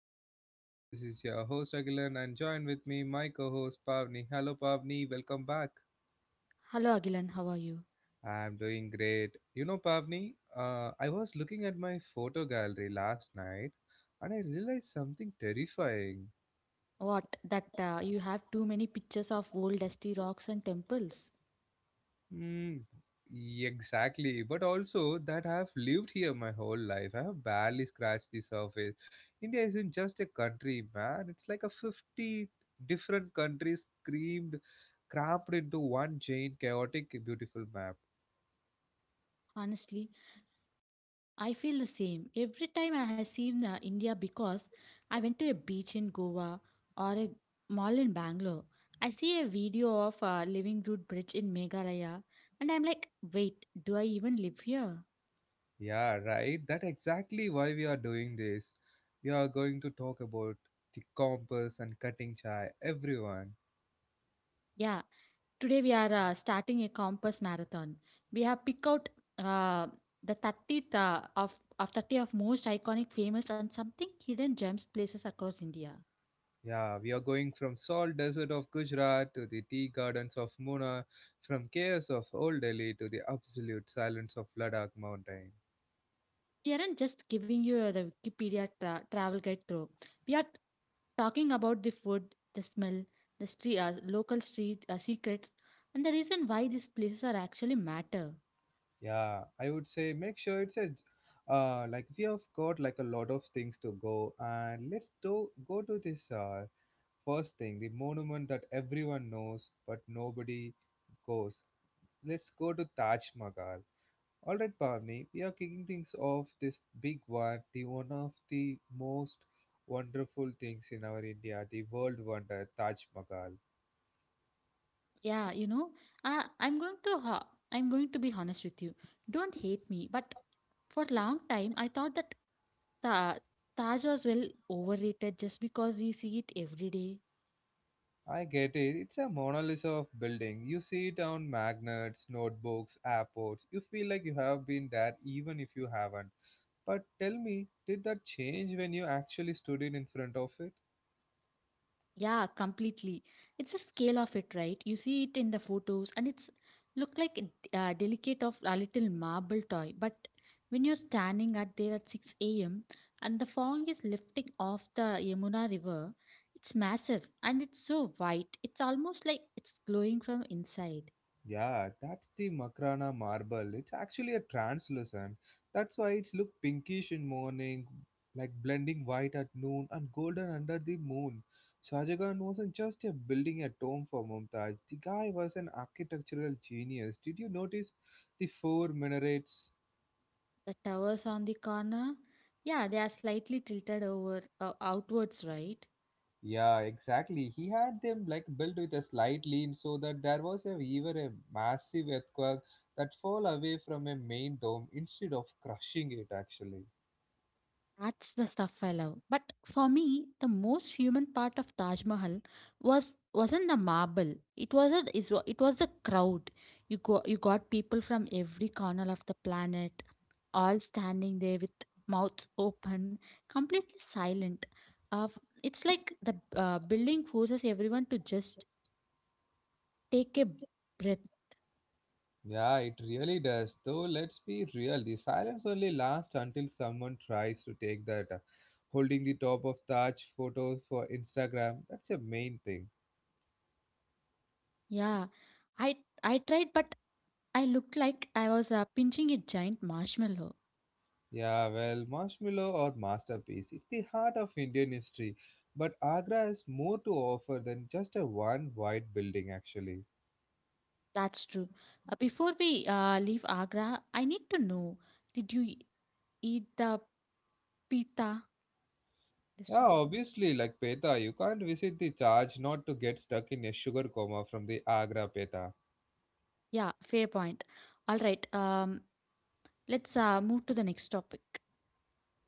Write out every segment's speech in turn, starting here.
of my podcast. This is your host Agilan and join with me my co-host Pavni. Hello Pavni, welcome back. Hello Agilan, how are you? I'm doing great. You know Pavni, I was looking at my photo gallery last night and I realized something terrifying. What that you have too many pictures of old dusty rocks and temples? Mm, exactly. But also that I've lived here my whole life. I have barely scratched the surface. India isn't just a country, man. It's like a 50 different countries screamed, crammed into one giant, chaotic, beautiful map. Honestly, I feel the same every time I have seen India because I went to a beach in Goa or a mall in Bangalore. I see a video of Living Root Bridge in Meghalaya and I'm like, wait, do I even live here? Yeah, right. That's exactly why we are doing this. We are going to talk about the compass and cutting chai, everyone. Yeah, today we are starting a compass marathon. We have picked out uh, the 30th of 30 of most iconic, famous, and something hidden gems places across India. Yeah, we are going from salt desert of Gujarat to the tea gardens of Muna, from chaos of Old Delhi to the absolute silence of Ladakh mountain. We aren't just giving you the Wikipedia travel guide through. We are talking about the food, the smell, the street, local street secrets, and the reason why these places are actually matter. Yeah, I would say make sure it's a like we have got like a lot of things to go, and let's do go to this first thing, the monument that everyone knows but nobody goes. Let's go to Taj Mahal. Alright, Pavni, we are kicking things off this big one, the one of the most wonderful things in our India, the world wonder, Taj Mahal. Yeah, you know, uh, I'm going to ho- I'm going to be honest with you. Don't hate me, but for a long time I thought that Ta- Taj was well overrated just because we see it every day. I get it, it's a Mona Lisa of building. You see it on magnets, notebooks, airports. You feel like you have been there even if you haven't. But tell me, did that change when you actually stood in front of it? Yeah, completely. It's a scale of it, right? You see it in the photos, and it's look like a delicate of a little marble toy. But when you're standing at there at 6 a.m. and the fog is lifting off the Yamuna River, it's massive and it's so white. It's almost like it's glowing from inside. Yeah, that's the Makrana marble. It's actually a translucent. That's why it's look pinkish in morning, like blending white at noon and golden under the moon. Shahjahan wasn't just a building a tomb for Mumtaz. The guy was an architectural genius. Did you notice the four minarets? The towers on the corner, yeah, they are slightly tilted over outwards, right? Yeah, exactly. He had them like built with a slight lean so that there was a, even a massive earthquake that fall away from a main dome instead of crushing it actually. That's the stuff I love. But for me, the most human part of Taj Mahal wasn't the marble. It was a, is wa- It was the crowd. You got people from every corner of the planet, all standing there with mouths open, completely silent. Uh, it's like the building forces everyone to just take a breath. Yeah, it really does. Though, let's be real, the silence only lasts until someone tries to take that holding the top of Taj photos for Instagram. That's a main thing. Yeah, I I tried, but I looked like I was pinching a giant marshmallow. Yeah, well, marshmallow or masterpiece. It's the heart of Indian history. But Agra has more to offer than just a one white building, actually. That's true. Before we leave Agra, I need to know did you eat the pita? This one? Yeah, obviously, like Peta, you can't visit the Taj not to get stuck in a sugar coma from the Agra Peta. Yeah, fair point. All right, let's move to the next topic.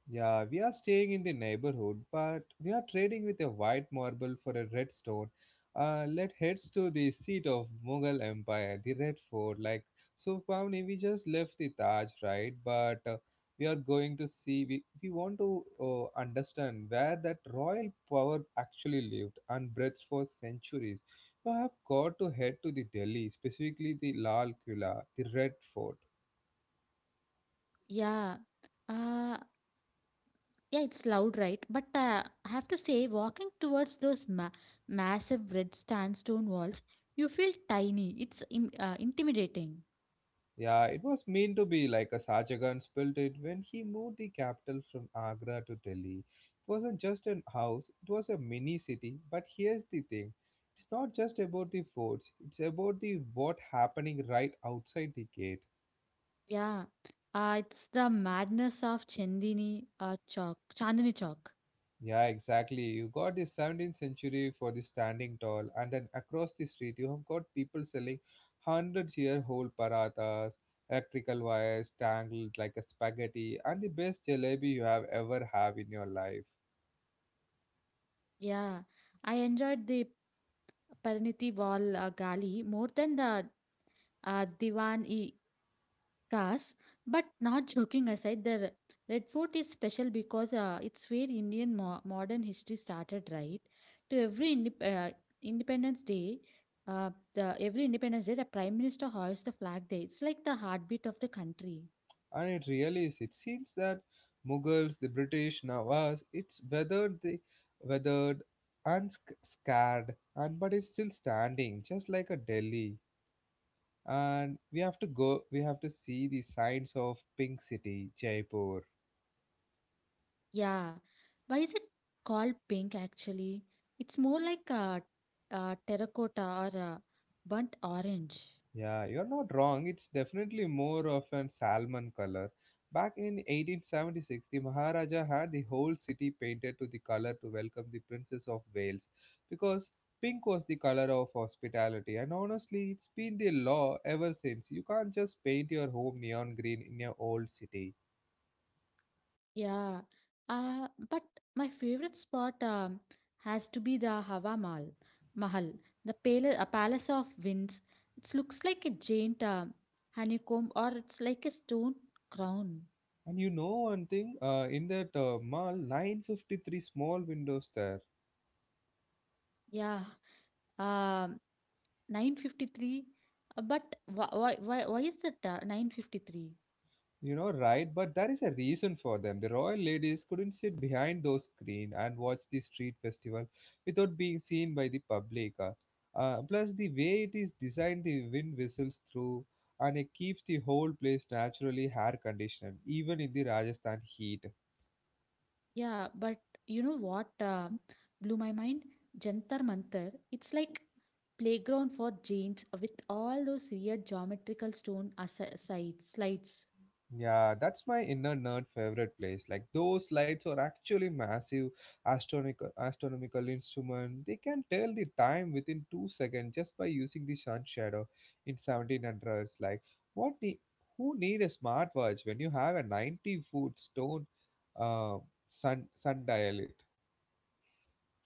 Yeah, we are staying in the neighborhood, but we are trading with a white marble for a red stone. Let heads to the seat of Mughal Empire, the Red Fort. Like, so Pavni, we just left the Taj, right? But we are going to see, we want to understand where that royal power actually lived and breathed for centuries. You have got to head to the Delhi, specifically the Lal Kula, the Red Fort. Yeah, uh, yeah, it's loud, right? But I have to say, walking towards those massive red sandstone walls, you feel tiny. It's intimidating. Yeah, it was meant to be like a Sajagan built it when he moved the capital from Agra to Delhi. It wasn't just an house, it was a mini city. But here's the thing, it's not just about the forts, it's about the what happening right outside the gate. Yeah, it's the madness of Chandni Chowk. Yeah, exactly. You got the 17th century for the standing tall, and then across the street, you have got people selling hundreds year old parathas, electrical wires tangled like a spaghetti and the best jalebi you have ever have in your life, Yeah, I enjoyed the Pariniti Wall Gali more than the Diwan-i-Khas. But not joking aside, the Red Fort is special because it's where Indian mo modern history started, right? To every indep Independence Day, the Every Independence Day, the Prime Minister hoists the flag there. It's like the heartbeat of the country. and it really is. It seems that Mughals, the British, now it's weathered the weathered scarred, and but it's still standing, just like a Delhi. And we have to go. We have to see the signs of Pink City, Jaipur. Yeah. Why is it called pink actually? It's more like a terracotta or a burnt orange. Yeah, you're not wrong. It's definitely more of an salmon color. Back in 1876, the Maharaja had the whole city painted to the color to welcome the Princess of Wales because pink was the color of hospitality. And honestly, it's been the law ever since. You can't just paint your home neon green in your old city. Yeah. But my favorite spot has to be the Mahal, the a palace of winds. It looks like a giant honeycomb or it's like a stone crown. And you know one thing, in that mall, 953 small windows there. Yeah. Um, 953. But why is that 953? You know, right? But there is a reason for them. The royal ladies couldn't sit behind those screen and watch the street festival without being seen by the public. Plus, the way it is designed, the wind whistles through and it keeps the whole place naturally air conditioned, even in the Rajasthan heat. Yeah, but you know what blew my mind? Jantar Mantar. It's like playground for giants with all those weird geometrical stone slides. Yeah, that's my inner nerd favorite place. Like those lights are actually massive astronomical instrument. They can tell the time within 2 seconds just by using the sun shadow in 1700s. Like what the who need a smartwatch when you have a 90-foot stone uh, sundial?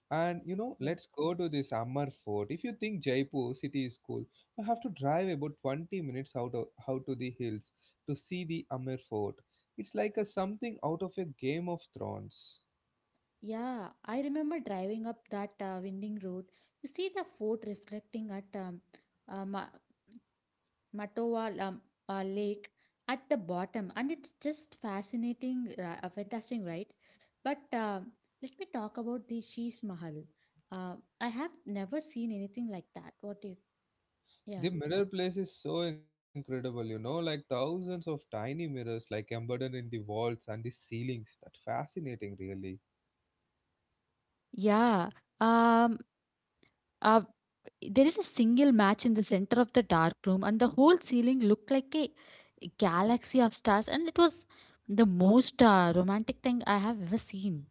And you know, Yeah. let's go to this Ammar Fort. If you think Jaipur city is cool, you have to drive about 20 minutes out of out to the hills to see the Ammar Fort. It's like a something out of a Game of Thrones. Yeah, I remember driving up that winding road. You see the fort reflecting at uh, Ma Matoa Lam- Lake at the bottom, and it's just fantastic, right? But let me talk about the Sheesh Mahal. I have never seen anything like that. What do you? Yeah. The mirror place is so incredible, you know, like thousands of tiny mirrors like embedded in the walls and the ceilings. That fascinating really. Yeah. Um, uh, there is a single match in the center of the dark room, and the whole ceiling looked like a galaxy of stars, and it was the most romantic thing I have ever seen.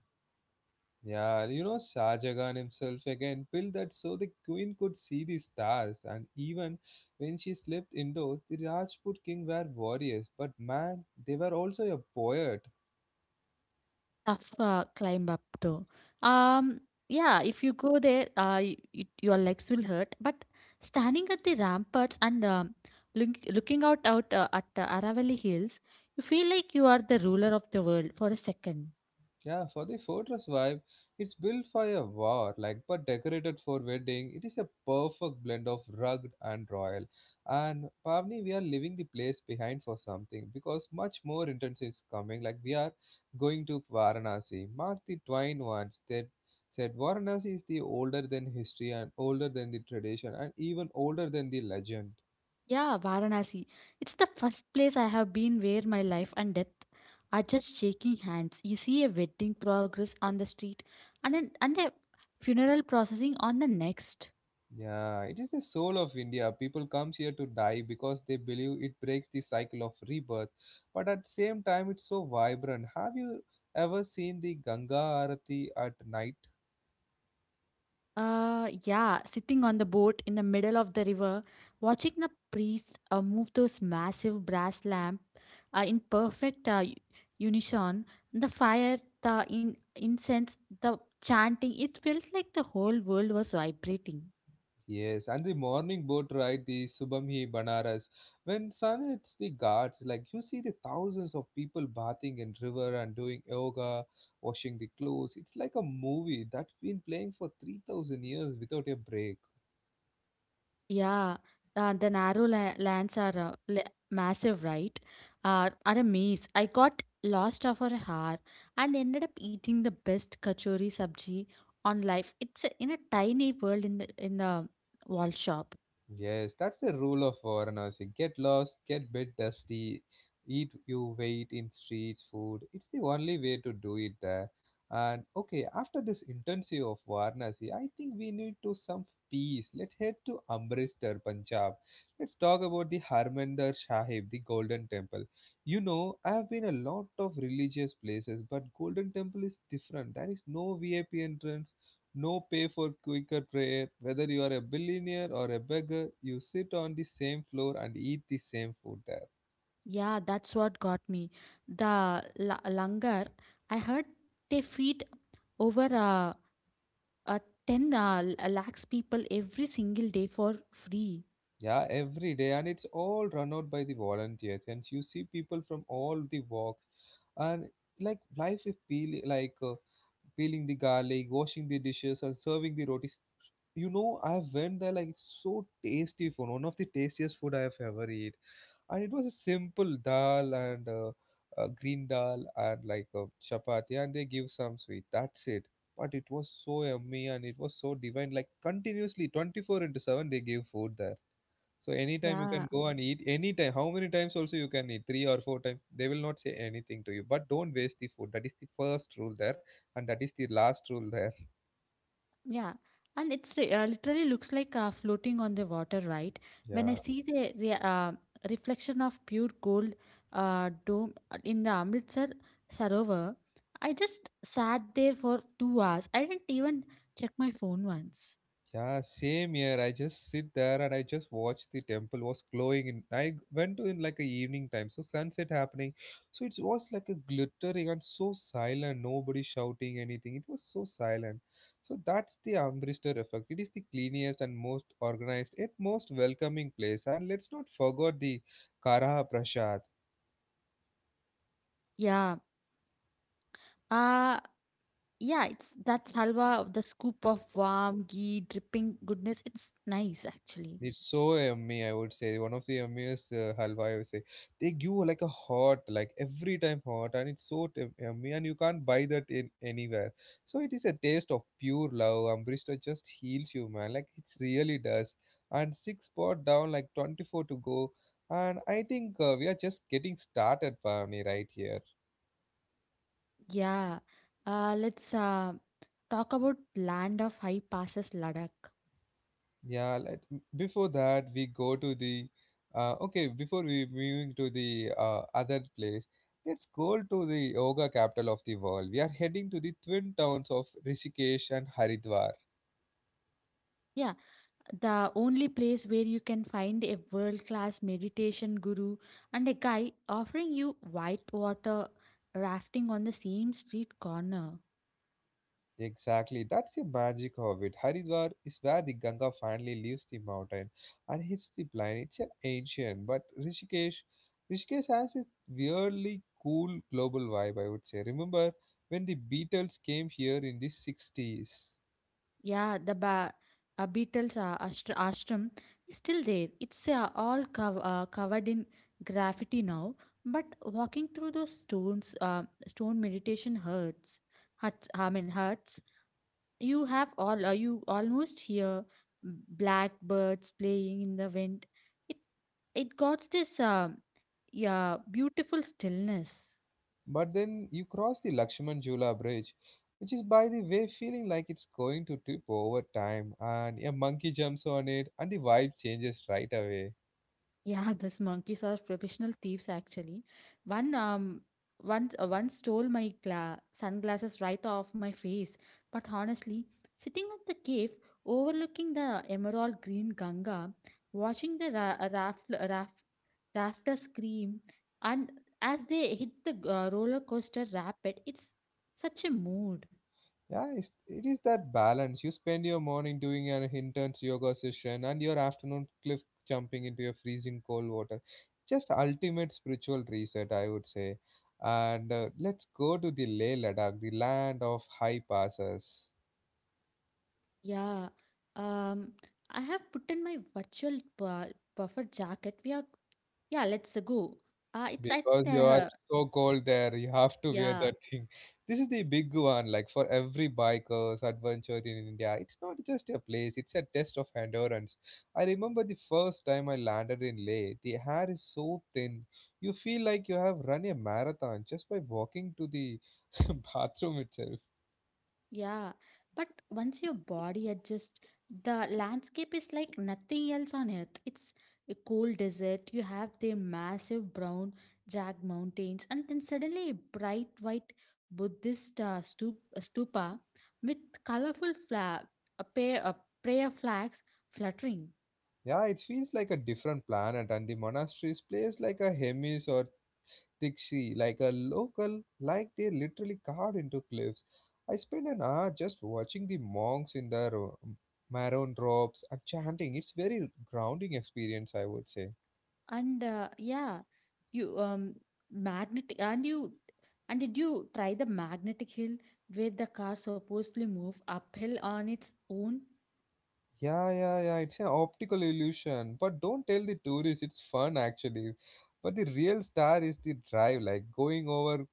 Yeah, you know, Shah Jahan himself again built that so the queen could see the stars, and even when she slept indoors, the Rajput king were warriors, but man, they were also a poet. Tough, climb up though. Um, yeah, if you go there, y y your legs will hurt. But standing at the ramparts and looking out at Aravalli Hills, you feel like you are the ruler of the world for a second. Yeah, for the fortress vibe, it's built for a war, like but decorated for wedding. It is a perfect blend of rugged and royal. And Pavni, we are leaving the place behind for something because much more intense is coming. Like we are going to Varanasi. Mark the Twain once that said Varanasi is the older than history and older than the tradition and even older than the legend. Yeah, Varanasi. It's the first place I have been where my life and death are just shaking hands. You see a wedding progress on the street, and a funeral processing on the next. Yeah, it is the soul of India. People comes here to die because they believe it breaks the cycle of rebirth. But at the same time, it's so vibrant. Have you ever seen the Ganga Arati at night? Yeah, sitting on the boat in the middle of the river, watching the priest move those massive brass lamp in perfect unison, the fire, the incense, the chanting, it felt like the whole world was vibrating. Yes, and the morning boat ride, the Subhamhi Banaras. When sun hits the ghats, like you see the thousands of people bathing in river and doing yoga, washing the clothes. It's like a movie that's been playing for 3,000 years without a break. Yeah, the narrow la lands are la massive, right? Are a maze. I got lost for a hour and ended up eating the best kachori sabji on life. In a tiny world in the wall shop. Yes, that's the rule of Varanasi. Get lost, get bit dusty, eat you weight in street food. It's the only way to do it there. And okay, after this intensive of Varanasi, I think we need to some peace. Let's head to Amritsar, Punjab. Let's talk about the Harmandir Sahib, the Golden Temple. You know, I have been a lot of religious places, but Golden Temple is different. There is no VIP entrance, no pay for quicker prayer. Whether you are a billionaire or a beggar, you sit on the same floor and eat the same food there. Yeah, that's what got me. The la langar, I heard they feed over uh, 10 lakhs people every single day for free. Yeah, every day, and it's all run out by the volunteers. And you see people from all the walks, and like life is peeling, like peeling the garlic, washing the dishes, and serving the rotis. You know, I went there like it's so tasty food. One of the tastiest food I have ever eat, and it was a simple dal and green dal and like a chapati and they give some sweet, that's it. But it was so yummy and it was so divine, like continuously 24 into 7 they give food there. So anytime you Yeah. can go and eat, anytime, how many times also you can eat, three or four times they will not say anything to you, but don't waste the food. That is the first rule there, and that is the last rule there. Yeah, and it's literally looks like floating on the water, right? When I Yeah, see the re reflection of pure gold dome in the Amritsar Sarovar, I just sat there for 2 hours. I didn't even check my phone once. Yeah, same here. I just sit there and I just watch the temple was glowing in. I went to in like a evening time, so sunset happening. So it was like a glittering and so silent, nobody shouting anything. It was so silent. So that's the Amritsar effect. It is the cleanest and most organized, yet most welcoming place. And let's not forget the Kara Prasad. Yeah, uh, yeah, it's that's halwa, the scoop of warm ghee dripping goodness. It's nice actually. It's so yummy, I would say. One of the yummiest halwa, I would say. They give like a hot, like every time hot, and it's so yummy, and you can't buy that in anywhere. So it is a taste of pure love. Ambrista just heals you, man. Like it really does. And six spot down, like 24 to go. And I think we are just getting started, Pavani, right here. Yeah, let's talk about land of high passes, Ladakh. Yeah, before that we go to the okay, before we moving to the other place, let's go to the yoga capital of the world. We are heading to the twin towns of Rishikesh and Haridwar. Yeah, the only place where you can find a world class meditation guru and a guy offering you white water rafting on the same street corner. Exactly, that's the magic of it. Haridwar is where the Ganga finally leaves the mountain and hits the plain. It's an ancient, but Rishikesh has this weirdly cool global vibe. I would say. Remember when the Beatles came here in the 60s? Yeah, the Beatles ashram is still there. It's all covered in graffiti now, but walking through those stone meditation hurts. Huts, I mean huts. You have all. You almost hear blackbirds playing in the wind. It It got this, yeah, beautiful stillness. But then you cross the Lakshman Jula Bridge, which is by the way feeling like it's going to tip over time, and a monkey jumps on it, and the vibe changes right away. Yeah, these monkeys are professional thieves actually. One, um, One stole my sunglasses right off my face. But honestly, sitting at the cave, overlooking the emerald green Ganga, watching the rafters scream, and as they hit the roller coaster rapid, it's such a mood. Yeah, it is that balance. You spend your morning doing an intense yoga session and your afternoon cliff jumping into your freezing cold water. Just ultimate spiritual reset, I would say. And Let's go to the Leh Ladakh, the land of high passes. Yeah. Um, I have put in my virtual bu buffer jacket. We are, yeah, let's go. It's, I think Because you are there, so cold there, you have to wear Yeah, that thing. This is the big one, like for every biker's adventure in India. It's not just a place, it's a test of endurance. I remember the first time I landed in Leh, the air is so thin. You feel like you have run a marathon just by walking to the bathroom itself. yeah. But once your body adjusts, the landscape is like nothing else on earth. It's a cold desert. You have the massive brown jagged mountains, and then suddenly a bright white Buddhist stupa with colorful flag, a pair of prayer flags fluttering. Yeah, it feels like a different planet, and the monasteries plays like a Hermes or Dixie, like a local, like they literally carved into cliffs. I spent an hour just watching the monks in their maroon robes and chanting. It's very grounding experience, I would say. And yeah, you magnetic and you and did you try the magnetic hill where the car supposedly move uphill on its own? Yeah, yeah, yeah. It's an optical illusion, but don't tell the tourists. It's fun actually. But the real star is the drive, like going over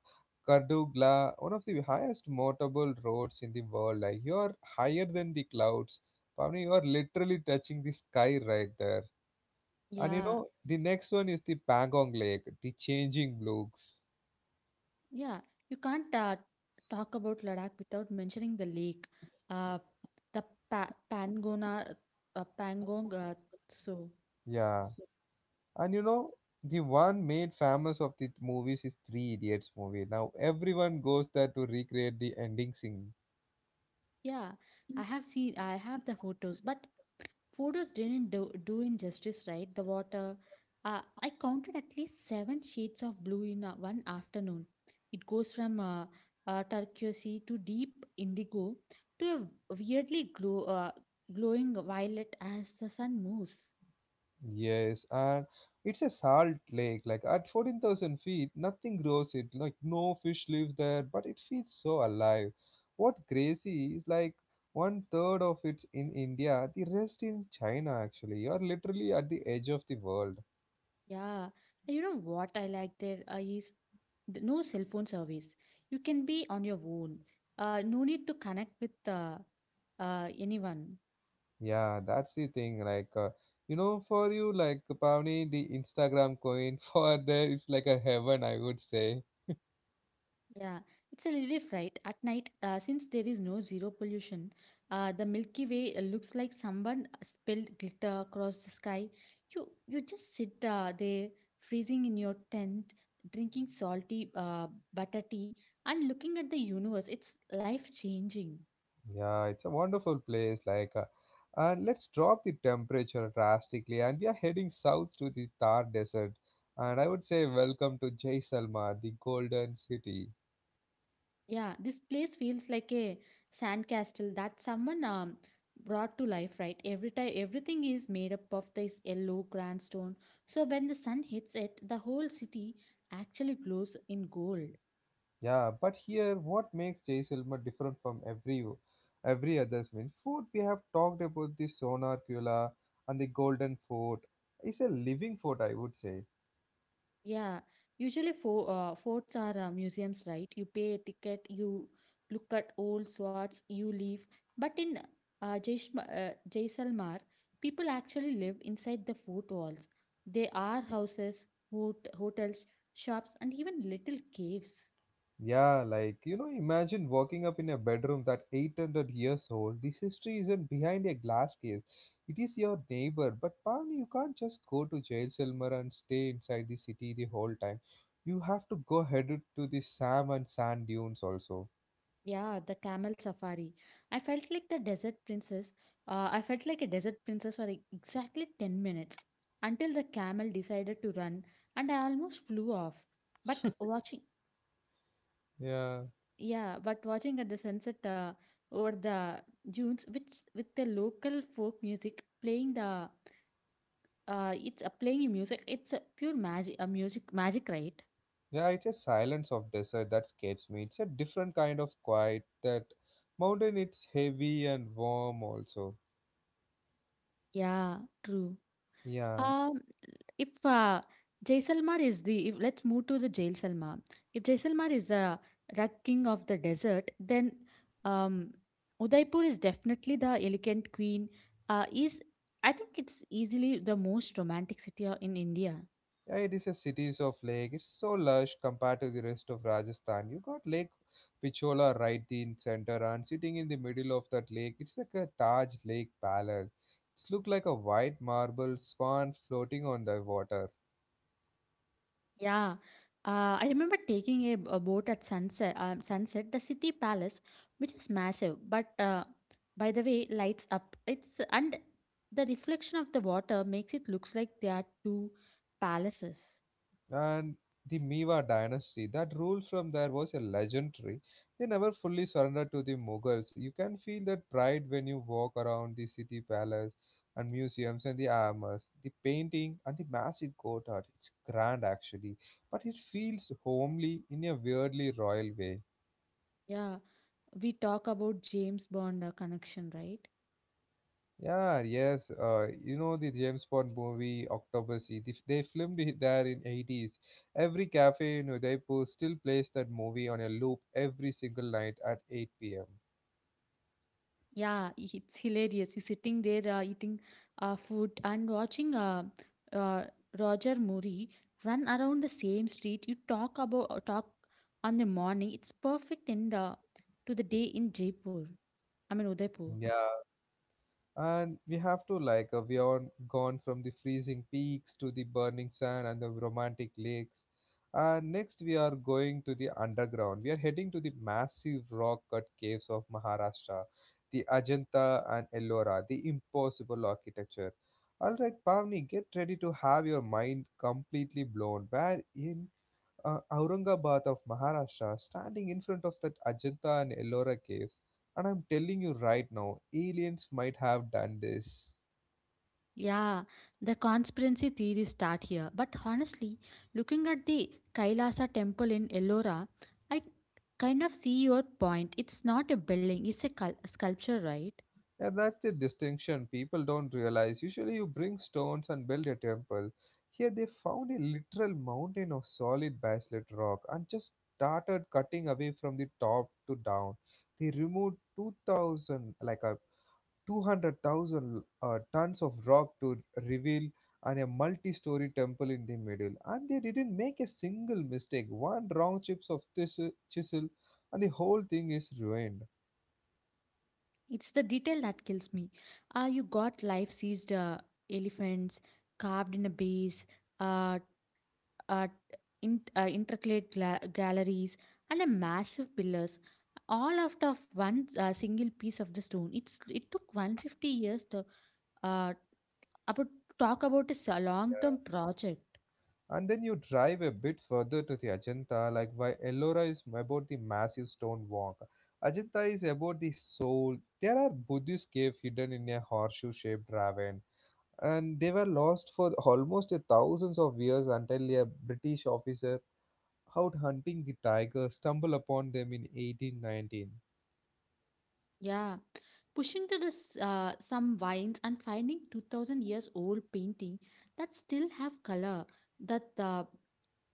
Kardugla, one of the highest motorable roads in the world. Like you are higher than the clouds. Pavni, you are literally touching the sky right there. And you Yeah, know, the next one is the Pangong Lake, the changing looks. yeah. You can't talk about Ladakh without mentioning the lake, uh, the pa Pangona, Pangong. So Yeah. And you know, the one made famous of the movies is Three Idiots movie. Now everyone goes there to recreate the ending scene. yeah, I have seen, I have the photos, but photos didn't do injustice, right? The water. I counted at least seven shades of blue in one afternoon. It goes from turquoise to deep indigo to a glowing violet as the sun moves. Yes, and it's a salt lake. Like at 14,000 feet, nothing grows it. Like no fish lives there, but it feels so alive. What crazy is like one third of it's in India, the rest in China actually. You're literally at the edge of the world. Yeah, and you know what I like there is no cell phone service. You can be on your own. No need to connect with anyone. Yeah, that's the thing. You know, for you, like, Pavni, the Instagram coin for there, it's like a heaven, I would say. Yeah, it's a relief, right? At night, since there is no zero pollution, the Milky Way looks like someone spilled glitter across the sky. You just sit there, freezing in your tent, drinking salty butter tea, and looking at the universe. It's life changing. Yeah, it's a wonderful place. And let's drop the temperature drastically. And we are heading south to the Thar Desert. And I would say, welcome to Jaisalmer, the golden city. Yeah, this place feels like a sandcastle that someone brought to life, right? Every time everything is made up of this yellow grandstone. So when the sun hits it, the whole city actually glows in gold. Yeah, but here, what makes Jaisalmer different from every others mean fort we have talked about the Sonar Kula and the Golden Fort is a living fort, I would say. Yeah, usually for forts are museums, right? You pay a ticket, you look at old swords, you leave. But in Jaisalmer, people actually live inside the fort walls. There are houses, hotels, shops, and even little caves. Yeah, like you know, imagine walking up in a bedroom that 800 years old. This history isn't behind a glass case; it is your neighbor. But man, you can't just go to Jaisalmer and stay inside the city the whole time. You have to go headed to the Sam and sand dunes also. Yeah, the camel safari. I felt like the desert princess. I felt like a desert princess for exactly 10 minutes until the camel decided to run and I almost flew off. But watching Yeah. Yeah, but watching at the sunset over the dunes, which with the local folk music playing the it's playing in music. It's a pure magic, right? Yeah, it's a silence of desert that scares me. It's a different kind of quiet. That mountain, it's heavy and warm also. Yeah, true. Yeah, Um, if Jaisalmer is the if let's move to the Jaisalmer. If Jaisalmer is the rug king of the desert, then um, Udaipur is definitely the elegant queen. Is I think it's easily the most romantic city in India. yeah, it is a cities of lake. It's so lush compared to the rest of Rajasthan. You got Lake Pichola right in center, and sitting in the middle of that lake, it's like a Taj Lake Palace. It's look like a white marble swan floating on the water. Yeah, I remember taking a boat at sunset. The city palace, which is massive, but by the way, lights up. It's and The reflection of the water makes it looks like there are two palaces. And the Mewa dynasty that ruled from there was a legendary. They never fully surrendered to the Mughals. You can feel that pride when you walk around the city palace and museums and the armors, the painting and the massive court art. It's grand actually, but it feels homely in a weirdly royal way. Yeah, we talk about James Bond connection, right? Yeah, yes. You know the James Bond movie Octopussy. They filmed it there in 80s. Every cafe in Udaipur still plays that movie on a loop every single night at 8 p.m. Yeah, it's hilarious. He's sitting there eating food and watching uh, Roger Murray run around the same street. You talk about talk on the morning. It's perfect end to the day in Jaipur. I mean Udaipur. Yeah, and we have to we are gone from the freezing peaks to the burning sand and the romantic lakes, and next we are going to the underground. We are heading to the massive rock cut caves of Maharashtra, the Ajanta and Ellora, the impossible architecture. All right, Pavni, get ready to have your mind completely blown where in Aurangabad of Maharashtra standing in front of that Ajanta and Ellora caves. And I'm telling you right now, aliens might have done this. Yeah, the conspiracy theories start here. But honestly, looking at the Kailasa temple in Ellora, I kind of see your point. It's not a building; it's a sculpture, right? Yeah, that's the distinction people don't realize. Usually, you bring stones and build a temple. Here, they found a literal mountain of solid basalt rock and just started cutting away from the top to down. They removed 2000, like a 200,000 tons of rock to reveal and a multi-story temple in the middle, and they didn't make a single mistake. One wrong chips of this chisel and the whole thing is ruined. It's the detail that kills me. You got life sized elephants carved in a base, uh, uh, intricate galleries, and a massive pillars, all out of one single piece of the stone. It took 150 years to uh, about, talk about a long term project. And then you drive a bit further to the Ajanta, like why Ellora is about the massive stone walk. Ajanta is about the soul. There are Buddhist caves hidden in a horseshoe shaped ravine, and they were lost for almost a thousands of years until a British officer out hunting the tiger, stumble upon them in 1819. Yeah. Pushing to this, some vines and finding 2000 years old painting that still have color that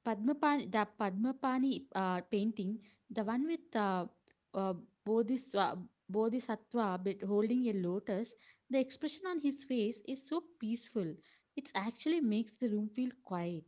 Padmapani, the Padmapani painting, the one with uh, Bodhisattva, Bodhisattva holding a lotus, the expression on his face is so peaceful. It actually makes the room feel quiet.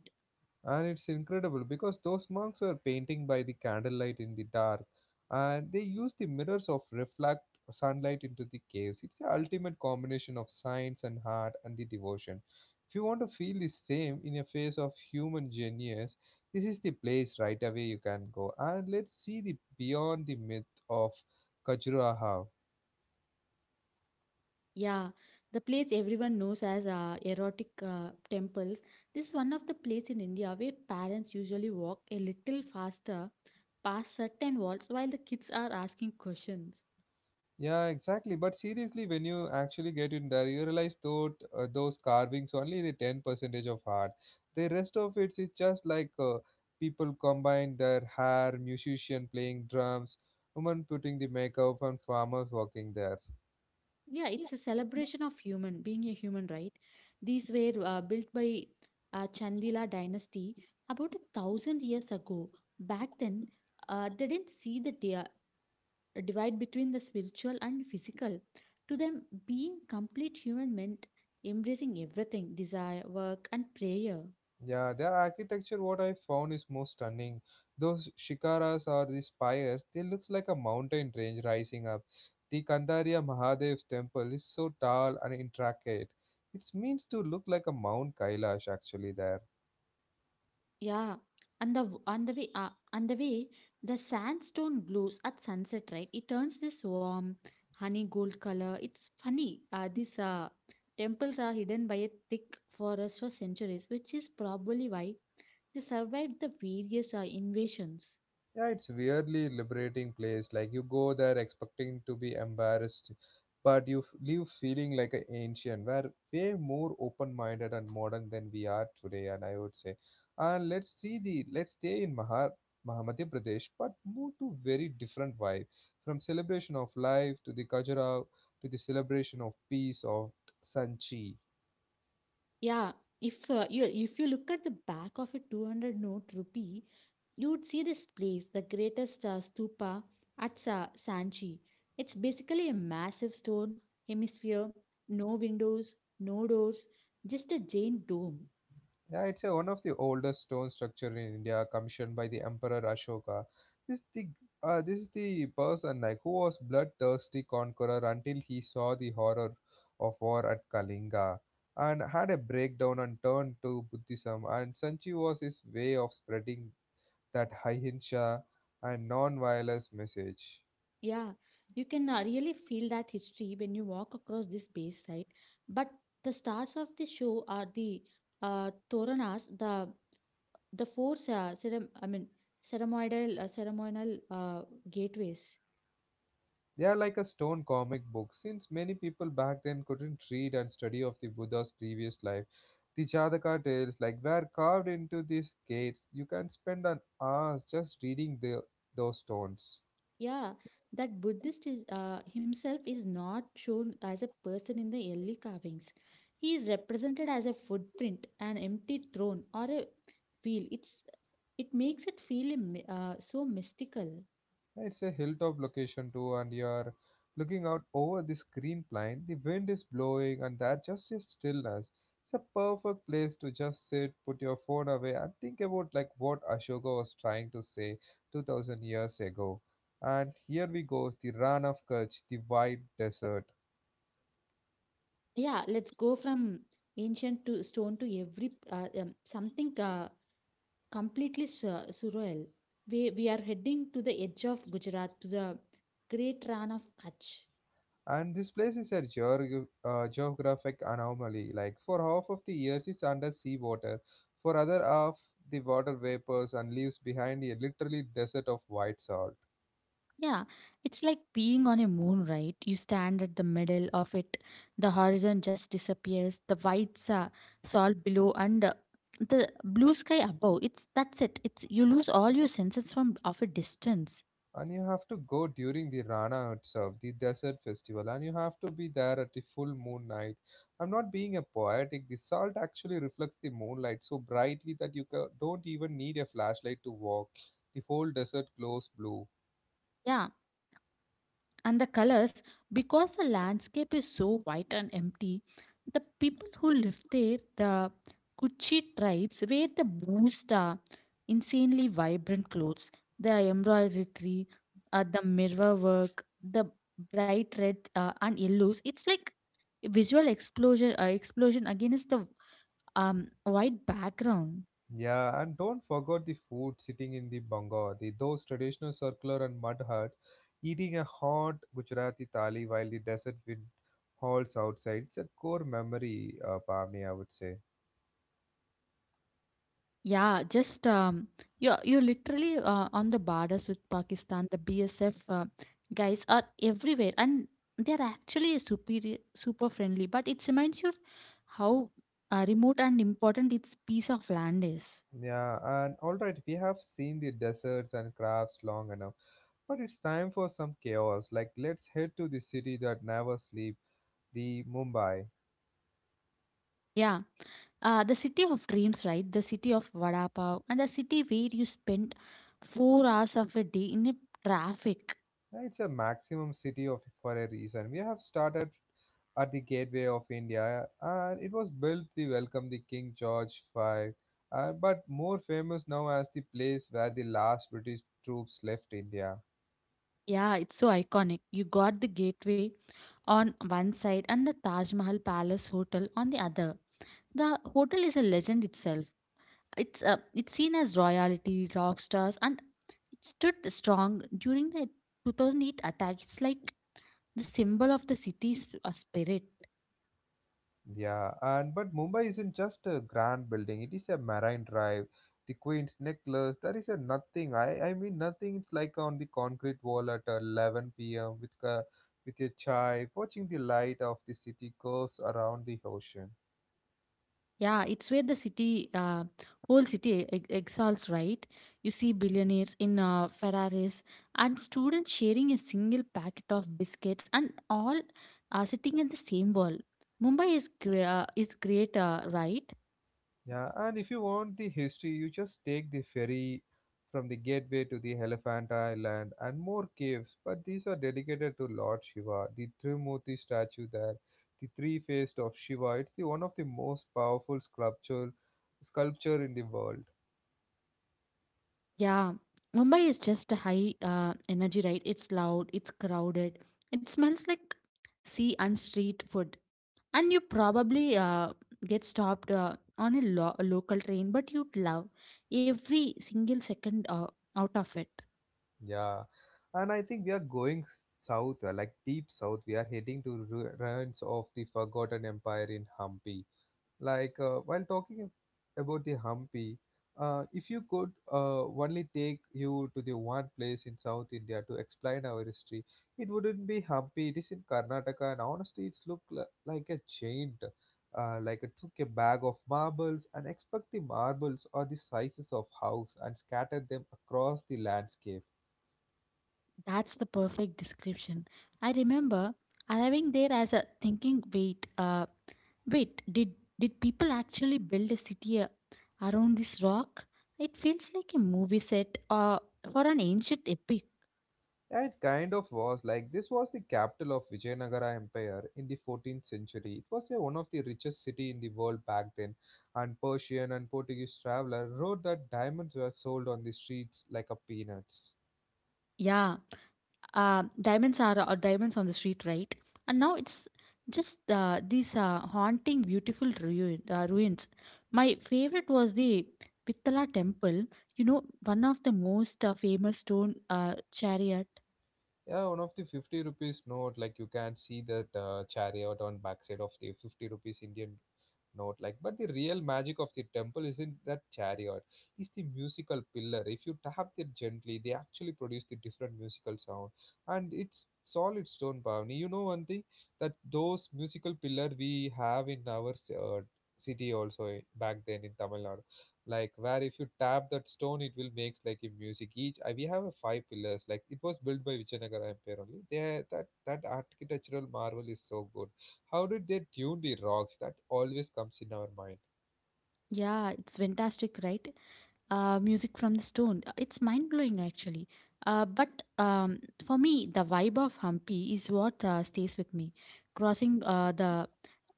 And it's incredible because those monks were painting by the candlelight in the dark, and they used the mirrors of reflect sunlight into the caves. It's the ultimate combination of science and art and the devotion. If you want to feel the same in a face of human genius, this is the place right away you can go. And let's see the beyond the myth of Khajuraho. Yeah, the place everyone knows as erotic temples. This is one of the places in India where parents usually walk a little faster past certain walls while the kids are asking questions. Yeah, exactly. But seriously, when you actually get in there, you realize thought those carvings only the ten percentage of art. The rest of it is just people combine their hair, musician playing drums, woman putting the makeup, and farmers working there. Yeah, it's a celebration of human being a human, right? These were built by Chandila dynasty about a thousand years ago. Back then, they didn't see the divide between the spiritual and physical. To them, being complete human meant embracing everything desire, work, and prayer. Yeah, their architecture, what I found is most stunning. Those shikaras or these spires, they looks like a mountain range rising up. The Kandariya Mahadev's temple is so tall and intricate. It means to look like a Mount Kailash actually there. Yeah, and the w- on the way the sandstone glows at sunset, right? It turns this warm honey gold color. It's funny. These temples are hidden by a thick forest for centuries, which is probably why they survived the various invasions. Yeah, it's weirdly liberating place. Like you go there expecting to be embarrassed, but you leave feeling like an ancient. We're way more open-minded and modern than we are today, and I would say. And let's see the let's stay in Madhya Pradesh, but move to very different vibe, from celebration of life to the Kajara to the celebration of peace of Sanchi. Yeah, if you look at the back of a 200 note rupee, you'd see this place, the greatest stupa at Sanchi. It's basically a massive stone hemisphere, no windows, no doors, just a giant dome. Yeah, it's a, one of the oldest stone structure in India, commissioned by the Emperor Ashoka. This the this is the person like who was bloodthirsty conqueror until he saw the horror of war at Kalinga and had a breakdown and turned to Buddhism. And Sanchi was his way of spreading that ahimsa and non-violence message. Yeah, you can really feel that history when you walk across this base, right? But the stars of the show are the toranas, the four ceremonial gateways. They are like a stone comic book. Since many people back then couldn't read and study of the Buddha's previous life, the Jataka tales like were carved into these gates. You can spend an hour just reading the, those stones. Yeah, that Buddhist is, himself is not shown as a person in the early carvings. He is represented as a footprint, an empty throne, or a wheel. It makes it feel so mystical. It's a hilltop location too, and you're looking out over this green plain. The wind is blowing, and there's just a stillness. It's a perfect place to just sit, put your phone away, and think about like what Ashoka was trying to say 2000 years ago. And here we go, the Ran of Kutch, the white desert. Yeah, let's go from ancient to stone to every something completely surreal. We are heading to the edge of Gujarat to the great Ran of Kutch. And this place is a geographic anomaly. Like for half of the years, it's under sea water. For other half, the water vapors and leaves behind a literally desert of white salt. Yeah, it's like being on a moon, right? You stand at the middle of it, the horizon just disappears, the white salt below, and the blue sky above. It's That's it. It's you lose all your senses from of a distance. And you have to go during the Rana itself, the desert festival, and you have to be there at the full moon night. I'm not being a poetic. The salt actually reflects the moonlight so brightly that you don't even need a flashlight to walk. The whole desert glows blue. Yeah, and the colors, because the landscape is so white and empty, the people who live there, the kuchi tribes, wear the most insanely vibrant clothes, the embroidery, the mirror work, the bright red and yellows. It's like a visual explosion against the um, white background. Yeah, and don't forget the food sitting in the banga, the those traditional circular and mud hut, eating a hot Gujarati thali while the desert wind howls outside. It's a core memory, Pavni, I would say. Yeah, just you're literally on the borders with Pakistan. The BSF guys are everywhere, and they're actually superior, super friendly. But it reminds you how remote and important its piece of land is. Yeah, and all right, we have seen the deserts and crafts long enough, but it's time for some chaos. Like, let's head to the city that never sleeps, the Mumbai. Yeah, the city of dreams, right? The city of Vada Pav, and the city where you spend 4 hours of a day in a traffic. It's a maximum city of for a reason. We have started at the gateway of India, and it was built to welcome the King George V, but more famous now as the place where the last British troops left India. Yeah, it's so iconic. You got the gateway on one side and the Taj Mahal Palace Hotel on the other. The hotel is a legend itself. It's seen as royalty, rock stars, and it stood strong during the 2008 attack. It's like the symbol of the city's spirit. Yeah, and but Mumbai isn't just a grand building; it is a marine drive. The Queen's necklace, there is a nothing. I mean nothing. It's like on the concrete wall at 11 p.m. with a with your chai, watching the light of the city goes around the ocean. Yeah, it's where whole city exhales, right? You see billionaires in Ferraris and students sharing a single packet of biscuits and all sitting at the same wall. Mumbai is great, right? Yeah, and if you want the history, you just take the ferry from the gateway to the Elephant Island and more caves. But these are dedicated to Lord Shiva, the Trimurti statue there, the three faced of Shiva. It's the one of the most powerful sculpture in the world. Yeah, Mumbai is just a high energy, right? It's loud, it's crowded, it smells like sea and street food, and you probably get stopped on a local train, but you'd love every single second out of it. Yeah, and I think we are going south, like deep south. We are heading to ruins of the forgotten empire in Hampi. Like while talking about the Hampi, if you could only take you to the one place in South India to explain our history, it wouldn't be Hampi. It is in Karnataka, and honestly, it's looked like a giant. Like it took a bag of marbles and expect the marbles are the sizes of house and scattered them across the landscape. That's the perfect description. I remember arriving there as a thinking, wait, wait did did people actually build a city around this rock? It feels like a movie set for an ancient epic. Yeah, it kind of was. Like, this was the capital of Vijayanagara Empire in the 14th century. It was one of the richest city in the world back then, and Persian and Portuguese traveler wrote that diamonds were sold on the streets like a peanuts. Yeah, diamonds on the street, right? And now it's just these haunting, beautiful ruins. My favorite was the Pittala temple. You know, one of the most famous stone chariot. Yeah, one of the 50 rupees note, like you can see that chariot on backside of the 50 rupees Indian note. Like, but the real magic of the temple isn't that chariot; it's the musical pillar. If you tap it gently, they actually produce the different musical sound, and it's solid stone bhavani. You know one thing that those musical pillar we have in our uh, city also eh, back then in Tamil Nadu like where if you tap that stone it will makes like a music each I, we have a five pillars like it was built by Vijayanagara Empire only they that architectural marvel is so good. How did they tune the rocks that always comes in our mind? Yeah, it's fantastic, right? Music from the stone. It's mind blowing, actually. But um, for me, the vibe of Hampi is what stays with me. Crossing the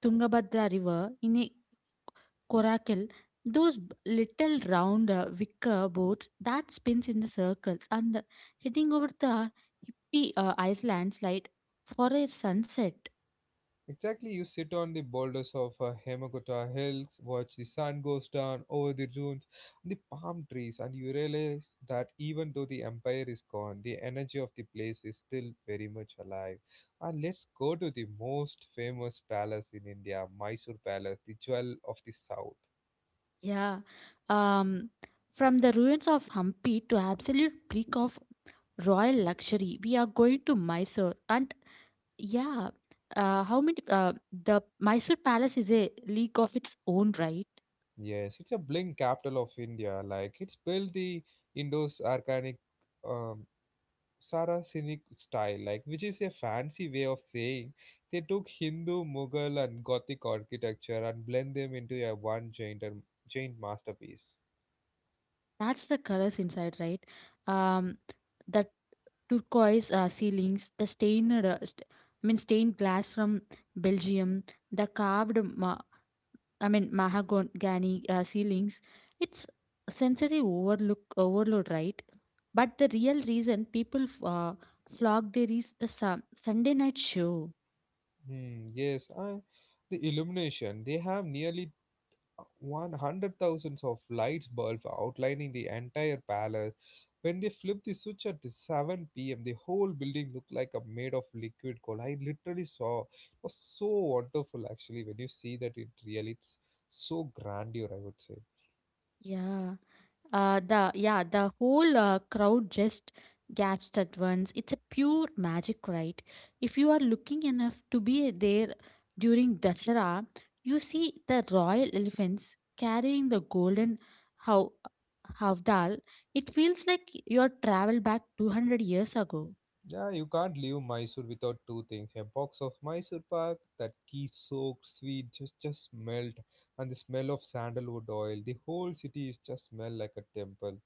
Tungabhadra River in a coracle, those little round wicker boats that spins in the circles and heading over the hippie Iceland's light for a sunset. Exactly, you sit on the boulders of Hemakota Hills, watch the sun goes down over the dunes and the palm trees, and you realize that even though the empire is gone, the energy of the place is still very much alive. And let's go to the most famous palace in India, Mysore Palace, the jewel of the south. Yeah. Um, from the ruins of Hampi to absolute peak of royal luxury, we are going to Mysore. And yeah, how many? The Mysore Palace is a league of its own, right? Yes, it's a blink capital of India. Like it's built the Indus Arcanic um, Saracenic style, like which is a fancy way of saying they took Hindu, Mughal, and Gothic architecture and blend them into a one giant giant masterpiece. That's the colors inside, right? Um, that turquoise ceilings, the stained, st- I mean, stained glass from Belgium, the carved, ma- I mean, mahogany ceilings. It's sensory overload, right? But the real reason people flock there is the Sunday night show. Hmm, yes, I, the illumination they have nearly 100 thousands of lights bulbs outlining the entire palace. When they flipped the switch at the 7 p.m., the whole building looked like a made of liquid gold. I literally saw. It was so wonderful, actually, when you see that it really it's so grandeur, I would say. Yeah. Yeah, the whole crowd just gasps at once. It's a pure magic, right? If you are looking enough to be there during Dasara, you see the royal elephants carrying the golden hav- havdal. It feels like your travel back 200 years ago. Yeah, you can't leave Mysore without two things: a box of Mysore Pak, that ghee-soaked sweet just smelled, and the smell of sandalwood oil. The whole city is just smell like a temple.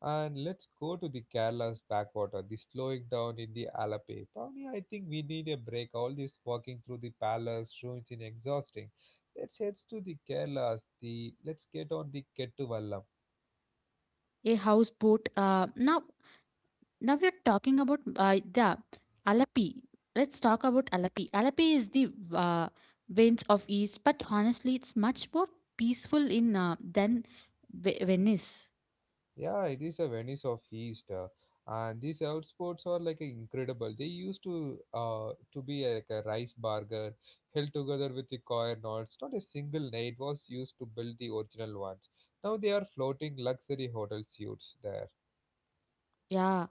And let's go to the Kerala's backwater, the slowing down in the Alape. Pavni, I think we need a break. All this walking through the palace ruins is exhausting. Let's head to the Kerala's. The let's get on the Kettuvallam. A houseboat. Now we are talking about the Alapi. Let's talk about Alapi. Alapi is the Venice of East, but honestly, it's much more peaceful in than Venice. Yeah, it is a Venice of East, and these outsports are like incredible. They used to be like a rice burger held together with the coir knots. Not a single night was used to build the original ones. Now they are floating luxury hotel suites there. Yeah,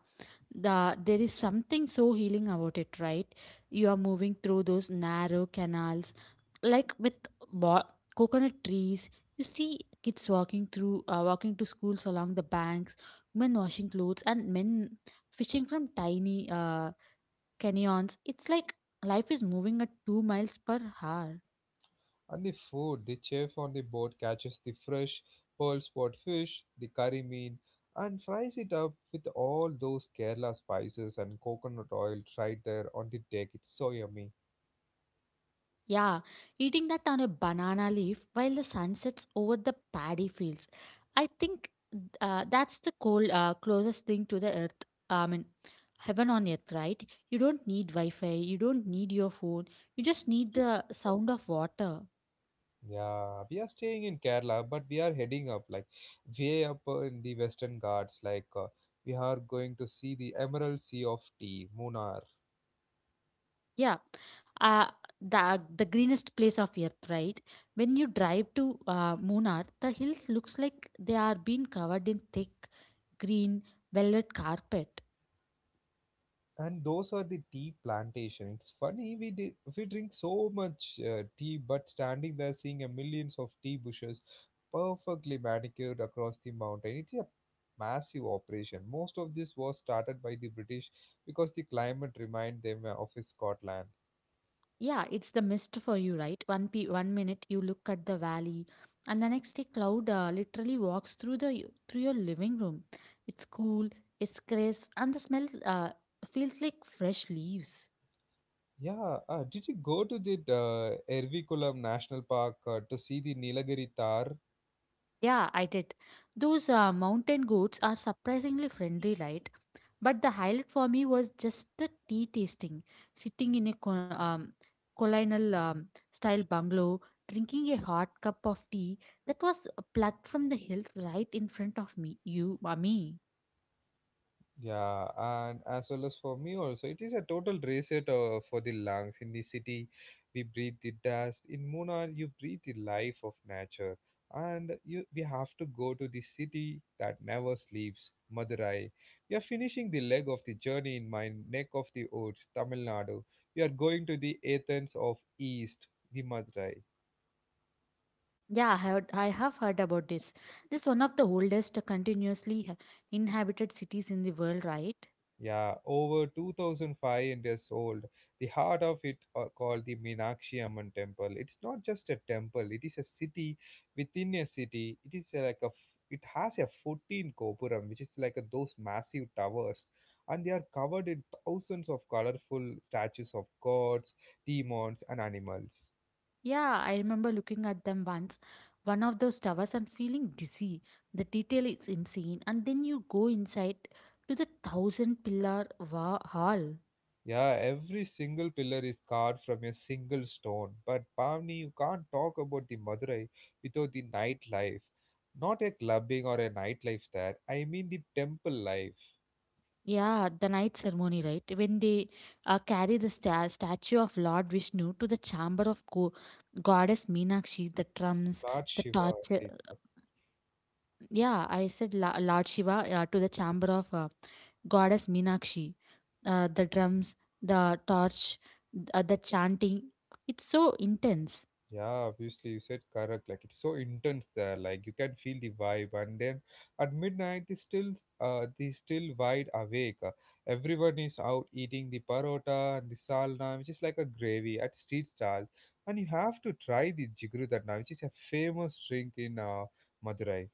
there is something so healing about it, right? You are moving through those narrow canals, like with bo- coconut trees. You see kids walking to schools along the banks, women washing clothes, and men fishing from tiny canyons. It's like life is moving at 2 miles per hour. And the food, the chef on the boat catches the fresh pearl spot fish, the curry mean, and fries it up with all those Kerala spices and coconut oil right there on the deck. It's so yummy. Yeah, eating that on a banana leaf while the sun sets over the paddy fields. I think that's the closest thing to the earth. I mean, heaven on earth, right? You don't need Wi Fi, you don't need your phone, you just need the sound of water. Yeah, we are staying in Kerala, but we are heading up like way up in the Western Ghats. Like we are going to see the Emerald Sea of Tea, Munnar, Yeah. Uh, the the greenest place of earth, right? When you drive to Munnar, the hills looks like they are being covered in thick green velvet carpet. and those are the tea plantation. It's funny we drink so much tea, but standing there seeing a millions of tea bushes perfectly manicured across the mountain. It is a massive operation. Most of this was started by the British because the climate reminded them of Scotland. Yeah, it's the mist for you, right? One minute you look at the valley, and the next day cloud literally walks through the through your living room. It's cool, it's crisp, and the smell feels like fresh leaves. Yeah, did you go to the Erviculam National Park to see the Nilagiri Tar? Yeah, I did. Those mountain goats are surprisingly friendly, right? But the highlight for me was just the tea tasting, sitting in a colonial style bungalow, drinking a hot cup of tea that was plucked from the hill right in front of me. Me. Yeah, and as well as for me also, it is a total reset for the lungs. In the city, we breathe the dust. In Munnar, you breathe the life of nature. And you, we have to go to the city that never sleeps, Madurai. We are finishing the leg of the journey in my neck of the woods, Tamil Nadu. We are going to the Athens of East, the Madurai. I have heard about this. This is one of the oldest continuously inhabited cities in the world, right? Yeah, over 2005 years old. The heart of it are called the Meenakshi Amman temple. It's not just a temple, it is a city within a city. It is like a it has a 14 kopuram which is like a, those massive towers and they are covered in thousands of colorful statues of gods, demons and animals. Yeah, I remember looking at them once, one of those towers, and feeling dizzy. The detail is insane. And then you go inside to the thousand pillar hall. Yeah, every single pillar is carved from a single stone. But Pavni, you can't talk about the Madurai without the nightlife. Not a clubbing or a nightlife there. I mean the temple life, Yeah, the night ceremony, right? When they carry the statue of Lord Vishnu to the chamber of goddess Meenakshi, the drums, Lord the Shiva, torch. I. Yeah, I said Lord Shiva to the chamber of goddess Meenakshi. The drums, the torch, the chanting. It's so intense. Yeah, obviously you said correct. Like it's so intense there. Like you can feel the vibe, and then at midnight they still wide awake. Everyone is out eating the parota and the salna, which is like a gravy at street stall. And you have to try the jigru that now, which is a famous drink in Madurai.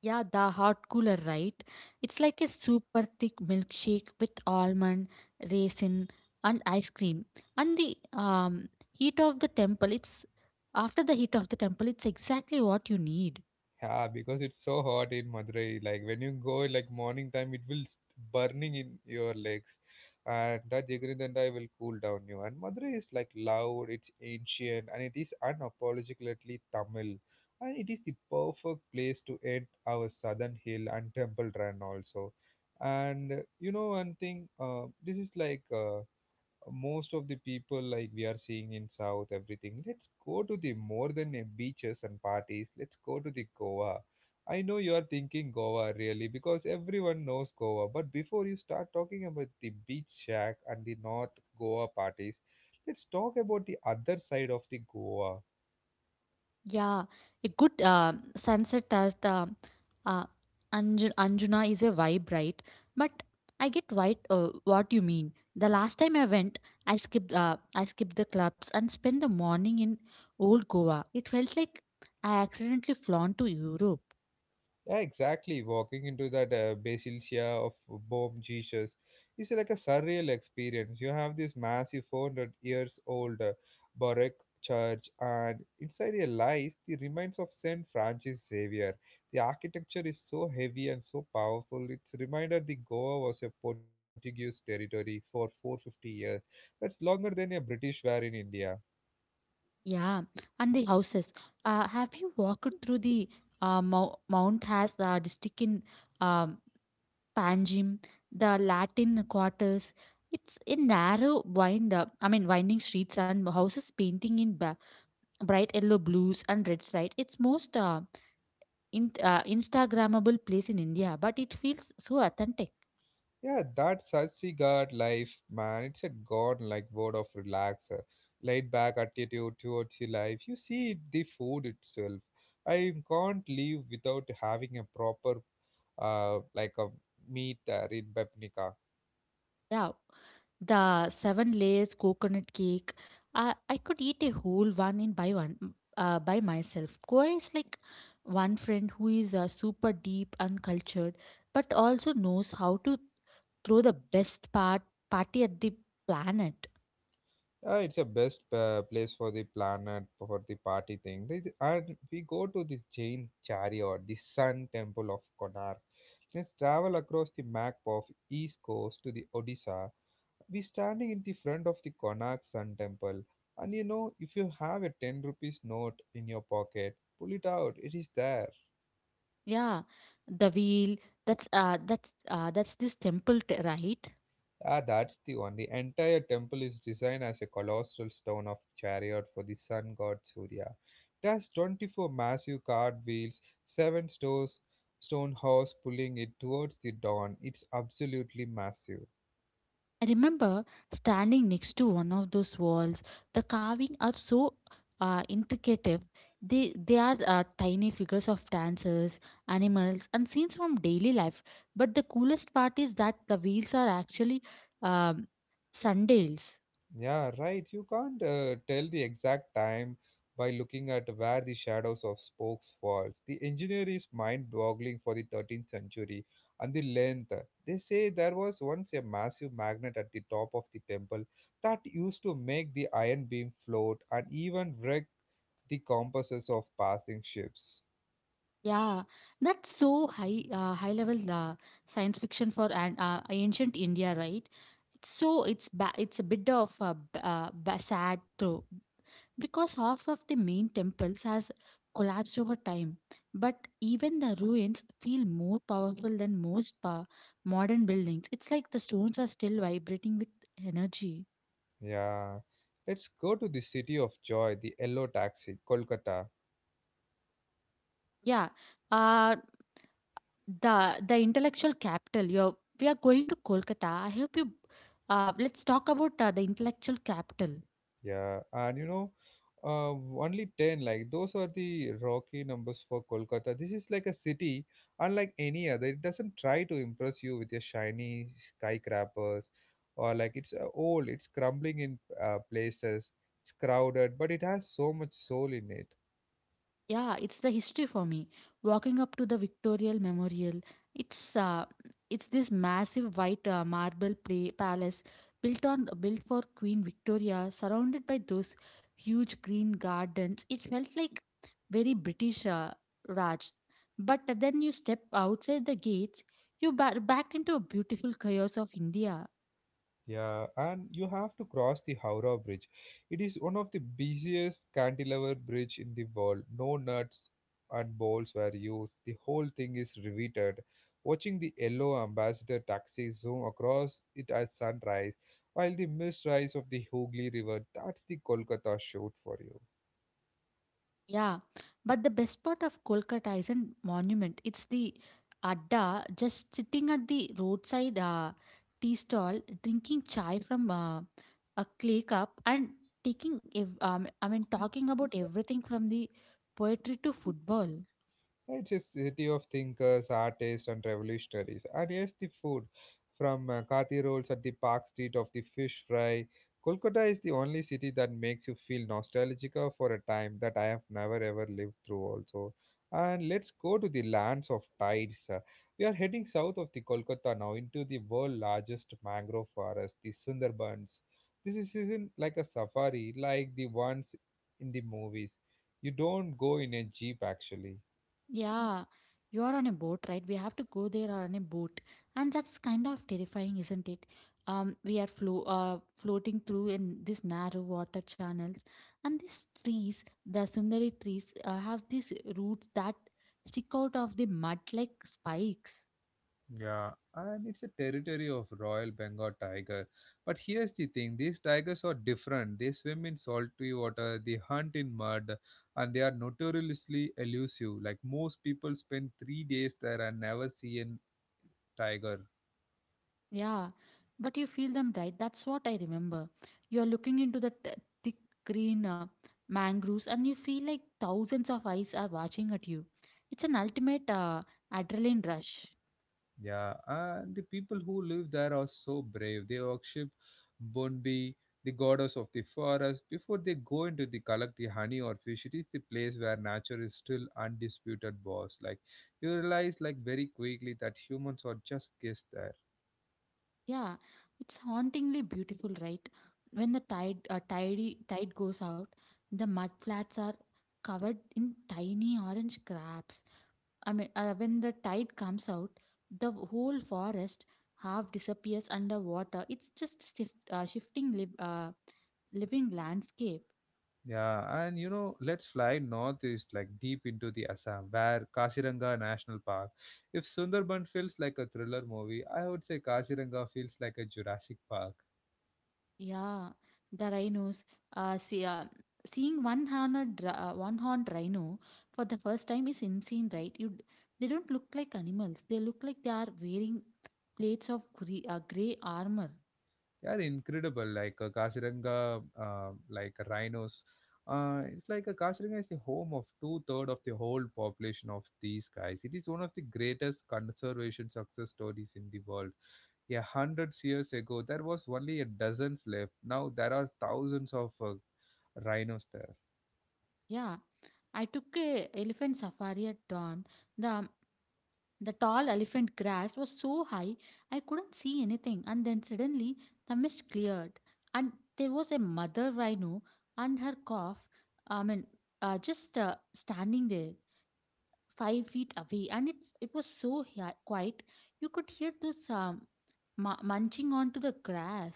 Yeah, the hot cooler, right? It's like a super thick milkshake with almond, raisin, and ice cream. And the heat of the temple, it's After the heat of the temple, it's exactly what you need. Yeah, because it's so hot in Madurai. Like when you go like morning time, it will burning in your legs, and that Jigarindandai will cool down you. And Madurai is like loud, it's ancient, and it is unapologetically Tamil, and it is the perfect place to end our southern hill and temple run also. And you know one thing, this is like most of the people like we are seeing in south everything, let's go to the more than beaches and parties, let's go to the Goa. I know you are thinking Goa really because everyone knows Goa, but before you start talking about the beach shack and the north Goa parties, let's talk about the other side of the Goa. Yeah, a good sunset at uh, Anjuna is a vibe, right? But I get white. What you mean. The last time I went, I skipped the clubs and spent the morning in old Goa. It felt like I accidentally flown to Europe. Yeah, exactly. Walking into that Basilia of Bom Jesus is like a surreal experience. You have this massive 400 years old Baroque church, and inside it lies the remains of Saint Francis Xavier. The architecture is so heavy and so powerful. It's a reminder that Goa was a Portuguese territory for 450 years. That's longer than a British were in India. Yeah, and the houses. Have you walked through the Mount Has district in um Panjim, the Latin quarters. It's a narrow wind up, I mean, winding streets and houses painting in bright yellow, blues, and reds. Right, it's most in, Instagrammable place in India, but it feels so authentic. Yeah, that Satsi God life, man, it's a god like word of relax, laid back attitude towards your life. You see it, the food itself. I can't live without having a proper, like a meat in Bapnika. Yeah, the seven layers coconut cake. I could eat a whole one by myself. Koi is like one friend who is super deep and cultured, but also knows how to throw the best party at the planet. It's a best place for the planet for the party thing. They- And we go to the Jain chariot, the Sun Temple of Konark. Let's travel across the map of East Coast to the Odisha, we standing in the front of the Konark Sun Temple. And you know, if you have a 10 rupees note in your pocket, pull it out. It is there. Yeah, the wheel. That's this temple, right? Ah, that's the one. The entire temple is designed as a colossal stone of chariot for the sun god Surya. It has 24 massive card wheels, 7 stores, stone horse pulling it towards the dawn. It's absolutely massive. I remember standing next to one of those walls. The carving are so intricate. They are tiny figures of dancers, animals, and scenes from daily life. But the coolest part is that the wheels are actually um, sundials. Yeah, right. You can't tell the exact time by looking at where the shadows of spokes falls. The engineer is mind-boggling for the 13th century and the length. They say there was once a massive magnet at the top of the temple that used to make the iron beam float and even wreck the compasses of passing ships. Yeah, that's so high level science fiction for an ancient India, right? It's so it's ba- it's a bit of a sad though because half of the main temples has collapsed over time, but even the ruins feel more powerful than modern buildings. It's like the stones are still vibrating with energy. Yeah. Let's go to the city of joy, the yellow taxi, Kolkata. Yeah. Uh the intellectual capital. You're we are going to Kolkata. I hope you. Let's talk about the intellectual capital. Yeah, and you know, uh, only 10, like those are the rocky numbers for Kolkata. This is like a city unlike any other. It doesn't try to impress you with your shiny skyscrapers or like it's old, it's crumbling in places, it's crowded, but it has so much soul in it. Yeah, it's the history for me. Walking up to the Victorial Memorial, it's uh, it's this massive white marble play palace built for Queen Victoria, surrounded by those huge green gardens. It felt like very British Raj. But then you step outside the gates, you backed into a beautiful chaos of India. Yeah, and you have to cross the Howrah Bridge. It is one of the busiest cantilever bridge in the world. No nuts and bolts were used. The whole thing is riveted. Watching the yellow ambassador taxi zoom across it at sunrise, while the mist rise of the Hooghly River, that's the Kolkata shoot for you. Yeah, but the best part of Kolkata isn't monument. It's the adda, just sitting at the roadside tea stall, drinking chai from a clay cup, and taking ev- I mean talking about everything from the poetry to football. It's a city of thinkers, artists, and revolutionaries. And yes, the food from Kathi rolls at the Park Street of the fish fry. Kolkata is the only city that makes you feel nostalgic for a time that I have never ever lived through, also. And let's go to the lands of tides. We are heading south of the Kolkata now into the world's largest mangrove forest, the Sundarbans. This isn't like a safari like the ones in the movies. You don't go in a jeep actually. Yeah, you are on a boat, right? We have to go there on a boat, and that's kind of terrifying, isn't it? We are floating through in these narrow water channels, and these trees, the sundari trees, have these roots that stick out of the mud like spikes. Yeah, and it's a territory of Royal Bengal tiger. But here's the thing, these tigers are different. They swim in salty water, they hunt in mud, and they are notoriously elusive. Like most people spend 3 days there and never see a tiger. Yeah, but you feel them, right? That's what I remember. You're looking into the thick green mangroves and you feel like thousands of eyes are watching at you. It's an ultimate adrenaline rush. Yeah, and the people who live there are so brave. They worship Bonbi, the goddess of the forest. Before they go into the collect the honey or fish, it is the place where nature is still undisputed boss. Like you realize like very quickly that humans are just guests there. Yeah, it's hauntingly beautiful, right? When the tide goes out, the mud flats are covered in tiny orange crabs. When the tide comes out, the whole forest half disappears underwater. It's just shifting living landscape. Yeah, and you know, let's fly northeast, like deep into the Assam, where Kaziranga National Park. If Sundarban feels like a thriller movie, I would say Kaziranga feels like a Jurassic Park. Yeah, the rhinos. Uh, see, uh, seeing one horned rhino for the first time is insane, right? They don't look like animals. They look like they are wearing plates of gray armor. They are incredible. Like Kaziranga, like rhinos. It's like Kaziranga is the home of two third of the whole population of these guys. It is one of the greatest conservation success stories in the world. Yeah, hundreds years ago, there was only a dozens left. Now there are thousands of rhinos there. Yeah, I took a elephant safari at dawn. The the tall elephant grass was so high I couldn't see anything, and then suddenly the mist cleared, and there was a mother rhino and her calf. I mean, just Standing there, 5 feet away, and it was so quiet you could hear those munching onto the grass.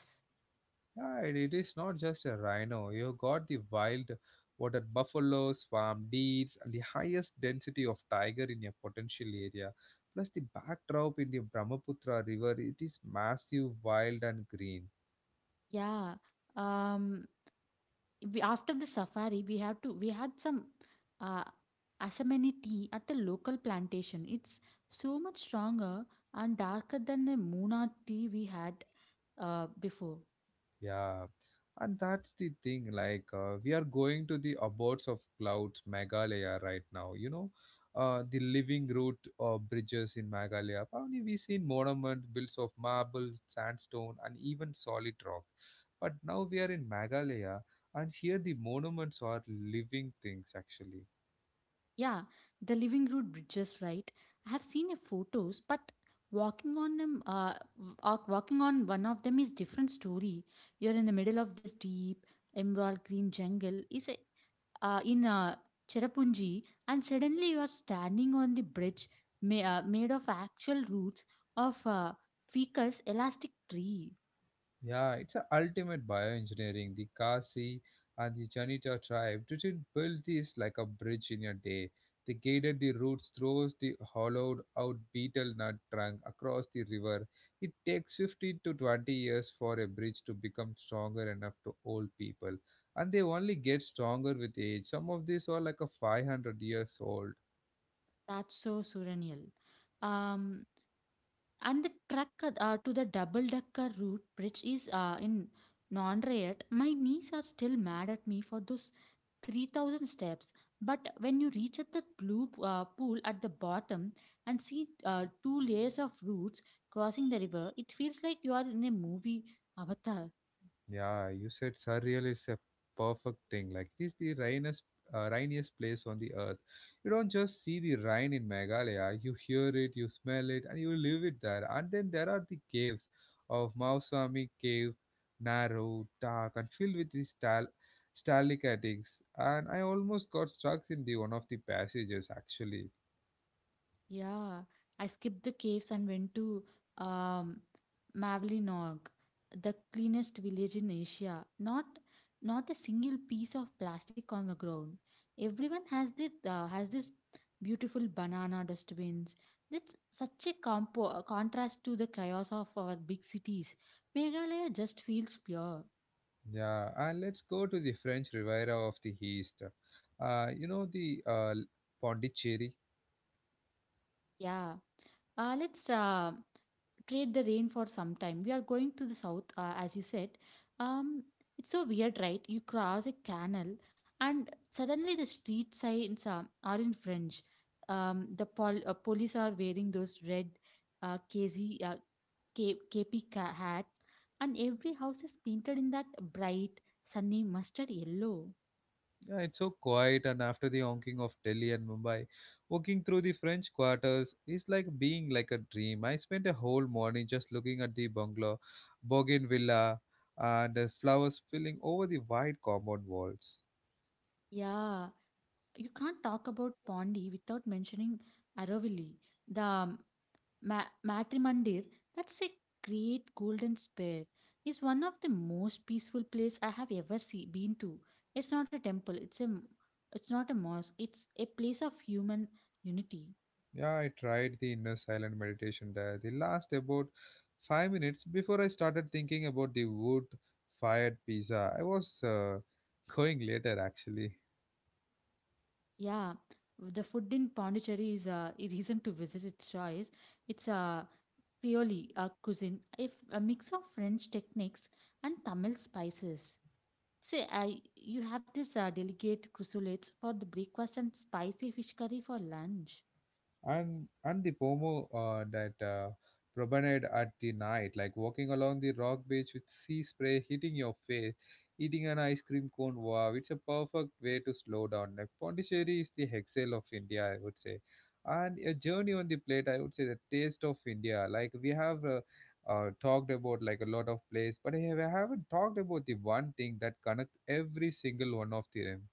Right, it is not just a rhino. You've got the wild water buffalo, swamp deers, and the highest density of tiger in your potential area. Plus, the backdrop in the Brahmaputra river, it is massive, wild, and green. Yeah. Um, we after the safari we have to we had some uh, asamani tea at the local plantation. It's so much stronger and darker than the muna tea we had before. Yeah, and that's the thing. Like, we are going to the abodes of clouds, Meghalaya, right now. The living root bridges in Meghalaya. Probably we seen monument built of marble, sandstone, and even solid rock. But now we are in Meghalaya, and here the monuments are living things actually. Yeah, the living root bridges, right? I have seen your photos, but walking on walking on one of them is different story. You're in the middle of this deep emerald green jungle is a in Cherrapunji, and suddenly you are standing on the bridge made of actual roots of ficus elastic tree. Yeah, it's a ultimate bioengineering. The Kasi and the Janita tribe didn't build this like a bridge in a day. They guided the roots through the hollowed out betel nut trunk across the river. It takes 15 to 20 years for a bridge to become stronger enough to hold people. And they only get stronger with age. Some of these are like a 500 years old. That's so surreal. Um, and the truck to the double decker route bridge is in Nonrayat. My knees are still mad at me for those 3,000 steps, but when you reach at the blue pool at the bottom and see two layers of roots crossing the river, it feels like you are in a movie, avatar. Yeah, you said surreal is a perfect thing. Like this, the rainiest, rainiest place on the earth. You don't just see the rain in Meghalaya. You hear it, you smell it, and you live it there. And then there are the caves of Mausami Cave, narrow, dark, and filled with these stalactites. And I almost got stuck in the one of the passages actually. Yeah, I skipped the caves and went to um, Mavlinog, the cleanest village in Asia. Not not a single piece of plastic on the ground. Everyone has this beautiful banana dustbins. That's such a compo contrast to the chaos of our big cities. Meghalaya just feels pure. Yeah, and let's go to the French Riviera of the East. You know the Pondicherry. Yeah. Let's trade the rain for some time. We are going to the south, as you said. Um, it's so weird, right? You cross a canal, and suddenly the street signs are in French. The police are wearing those red uh, KZ, uh, K- KP hats, and every house is painted in that bright, sunny mustard yellow. Yeah, it's so quiet, and after the honking of Delhi and Mumbai, walking through the French quarters is like being like a dream. I spent a whole morning just looking at the bungalow, bougainvillea, and the flowers spilling over the wide compound walls. Yeah, you can't talk about Pondi without mentioning Aravalli. The Matrimandir, that's a great golden sphere, is one of the most peaceful place I have ever been to. It's not a temple, it's not a mosque, it's a place of human unity. Yeah, I tried the inner silent meditation there. They last about 5 minutes before I started thinking about the wood-fired pizza. I was going later actually. Yeah, the food in Pondicherry is a reason to visit its choice. It's a Creole cuisine, a mix of French techniques and Tamil spices. Say, I You have this delicate chrysolites for the breakfast and spicy fish curry for lunch. And the pomo that promenade at the night, like walking along the rock beach with sea spray hitting your face, eating an ice cream cone. Wow, it's a perfect way to slow down. Like Pondicherry is the hexel of India, I would say. And a journey on the plate, I would say the taste of India. Like we have talked about like a lot of place, but I haven't talked about the one thing that connects every single one of them.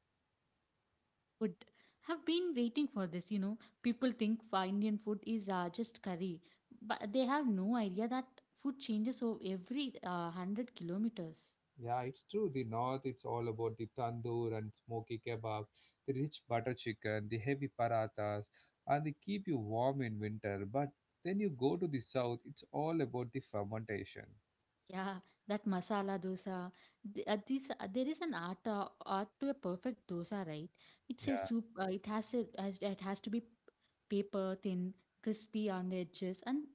Food. Have been waiting for this, you know. People think Indian food is just curry, but they have no idea that food changes over every 100 kilometers. Yeah, it's true. The north, it's all about the tandoor and smoky kebab, the rich butter chicken, the heavy parathas, and they keep you warm in winter. But then you go to the south, it's all about the fermentation. Yeah, that masala dosa. There is an art to a perfect dosa, right? It's a Yeah. soup. It has to be paper thin, crispy on the edges, and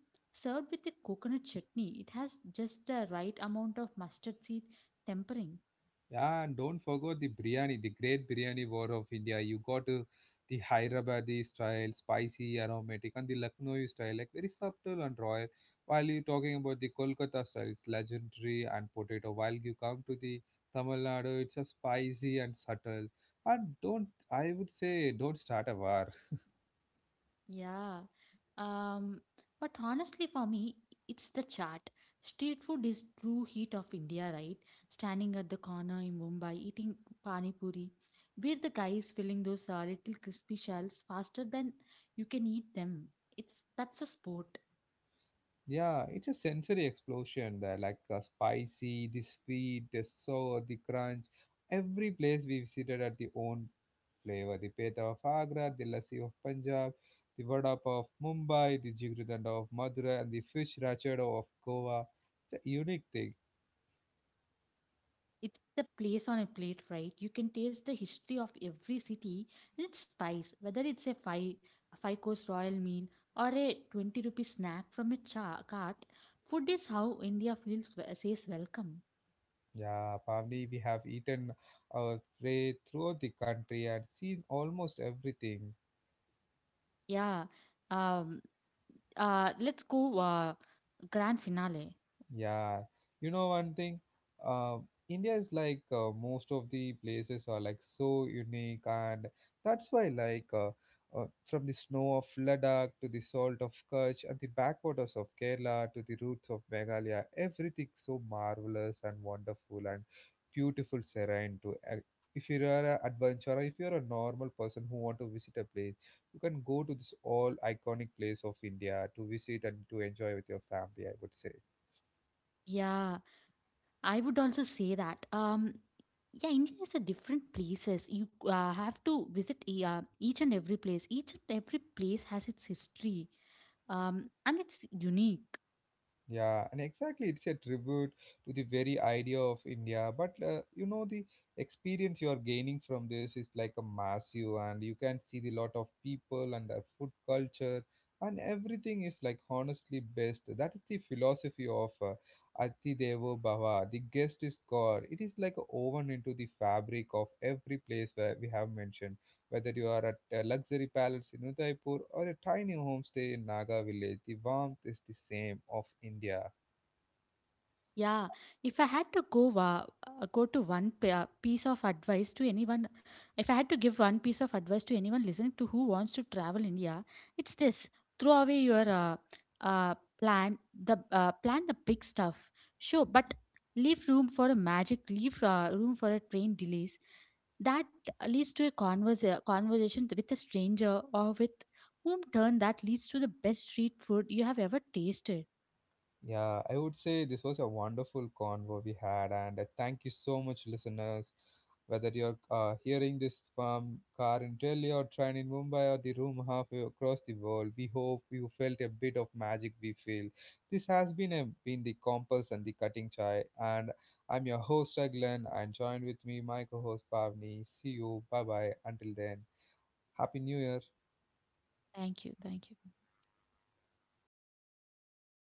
served with a coconut chutney. It has just the right amount of mustard seed tempering. Yeah, and don't forget the biryani, the great biryani war of India. You got the Hyderabadi style, spicy, aromatic, and the Lucknow style, like very subtle and royal. While you're talking about the Kolkata style, it's legendary and potato. While you come to the Tamil Nadu, it's a spicy and subtle. And don't, I would say, don't start a war. Yeah. Um, but honestly, for me, it's the chat. Street food is true heat of India, right? Standing at the corner in Mumbai, eating pani puri, where the guy is filling those little crispy shells faster than you can eat them. It's That's a sport. Yeah, it's a sensory explosion there, like the spicy, the sweet, the sour, the crunch. Every place we visited at the own flavor. The peta of Agra, the lassi of Punjab, the vada pav of Mumbai, the jigridanda of Madura, and the fish rachado of Goa. It's a unique thing. It's the place on a plate, right? You can taste the history of every city and its spice, whether it's a five course royal meal or a 20 rupee snack from a cart. Food is how India feels, says welcome. Yeah, Pavni, we have eaten our way throughout the country and seen almost everything. Yeah. Um, let's go, grand finale. Yeah, you know one thing, uh, India is like most of the places are like so unique, and that's why like from the snow of Ladakh to the salt of Kutch and the backwaters of Kerala to the roots of Meghalaya, everything so marvelous and wonderful and beautiful, serene. If you are an adventurer, if you are a normal person who want to visit a place, you can go to this all iconic place of India to visit and to enjoy with your family, I would say. Yeah, I would also say that. Yeah, India is a different places. You have to visit each and every place. Each and every place has its history, and it's unique. Yeah, and exactly, it's a tribute to the very idea of India. But you know, the experience you are gaining from this is like a massive, and you can see the lot of people and their food culture, and everything is like honestly best. That is the philosophy of Ati Devo Bhava. The guest is God. It is like woven into the fabric of every place where we have mentioned. Whether you are at a luxury palace in Udaipur or a tiny homestay in Naga village, the warmth is the same of India. Yeah, if I had to go wa- go to one p- piece of advice to anyone, if I had to give one piece of advice to anyone listening to who wants to travel India, it's this: throw away your uh, plan plan the big stuff. Sure, but leave room for a magic. Leave room for a train delays. That leads to a conversation with a stranger or with whom turn that leads to the best street food you have ever tasted. Yeah, I would say this was a wonderful convo we had, and I thank you so much, listeners. Whether you're hearing this from car in Delhi or train in Mumbai or the room halfway across the world, we hope you felt a bit of magic we feel. This has been been the compass and the cutting chai, and I'm your host Aglan, and join with me my co-host Pavni. See you, bye bye. Until then, happy New Year. Thank you. Thank you.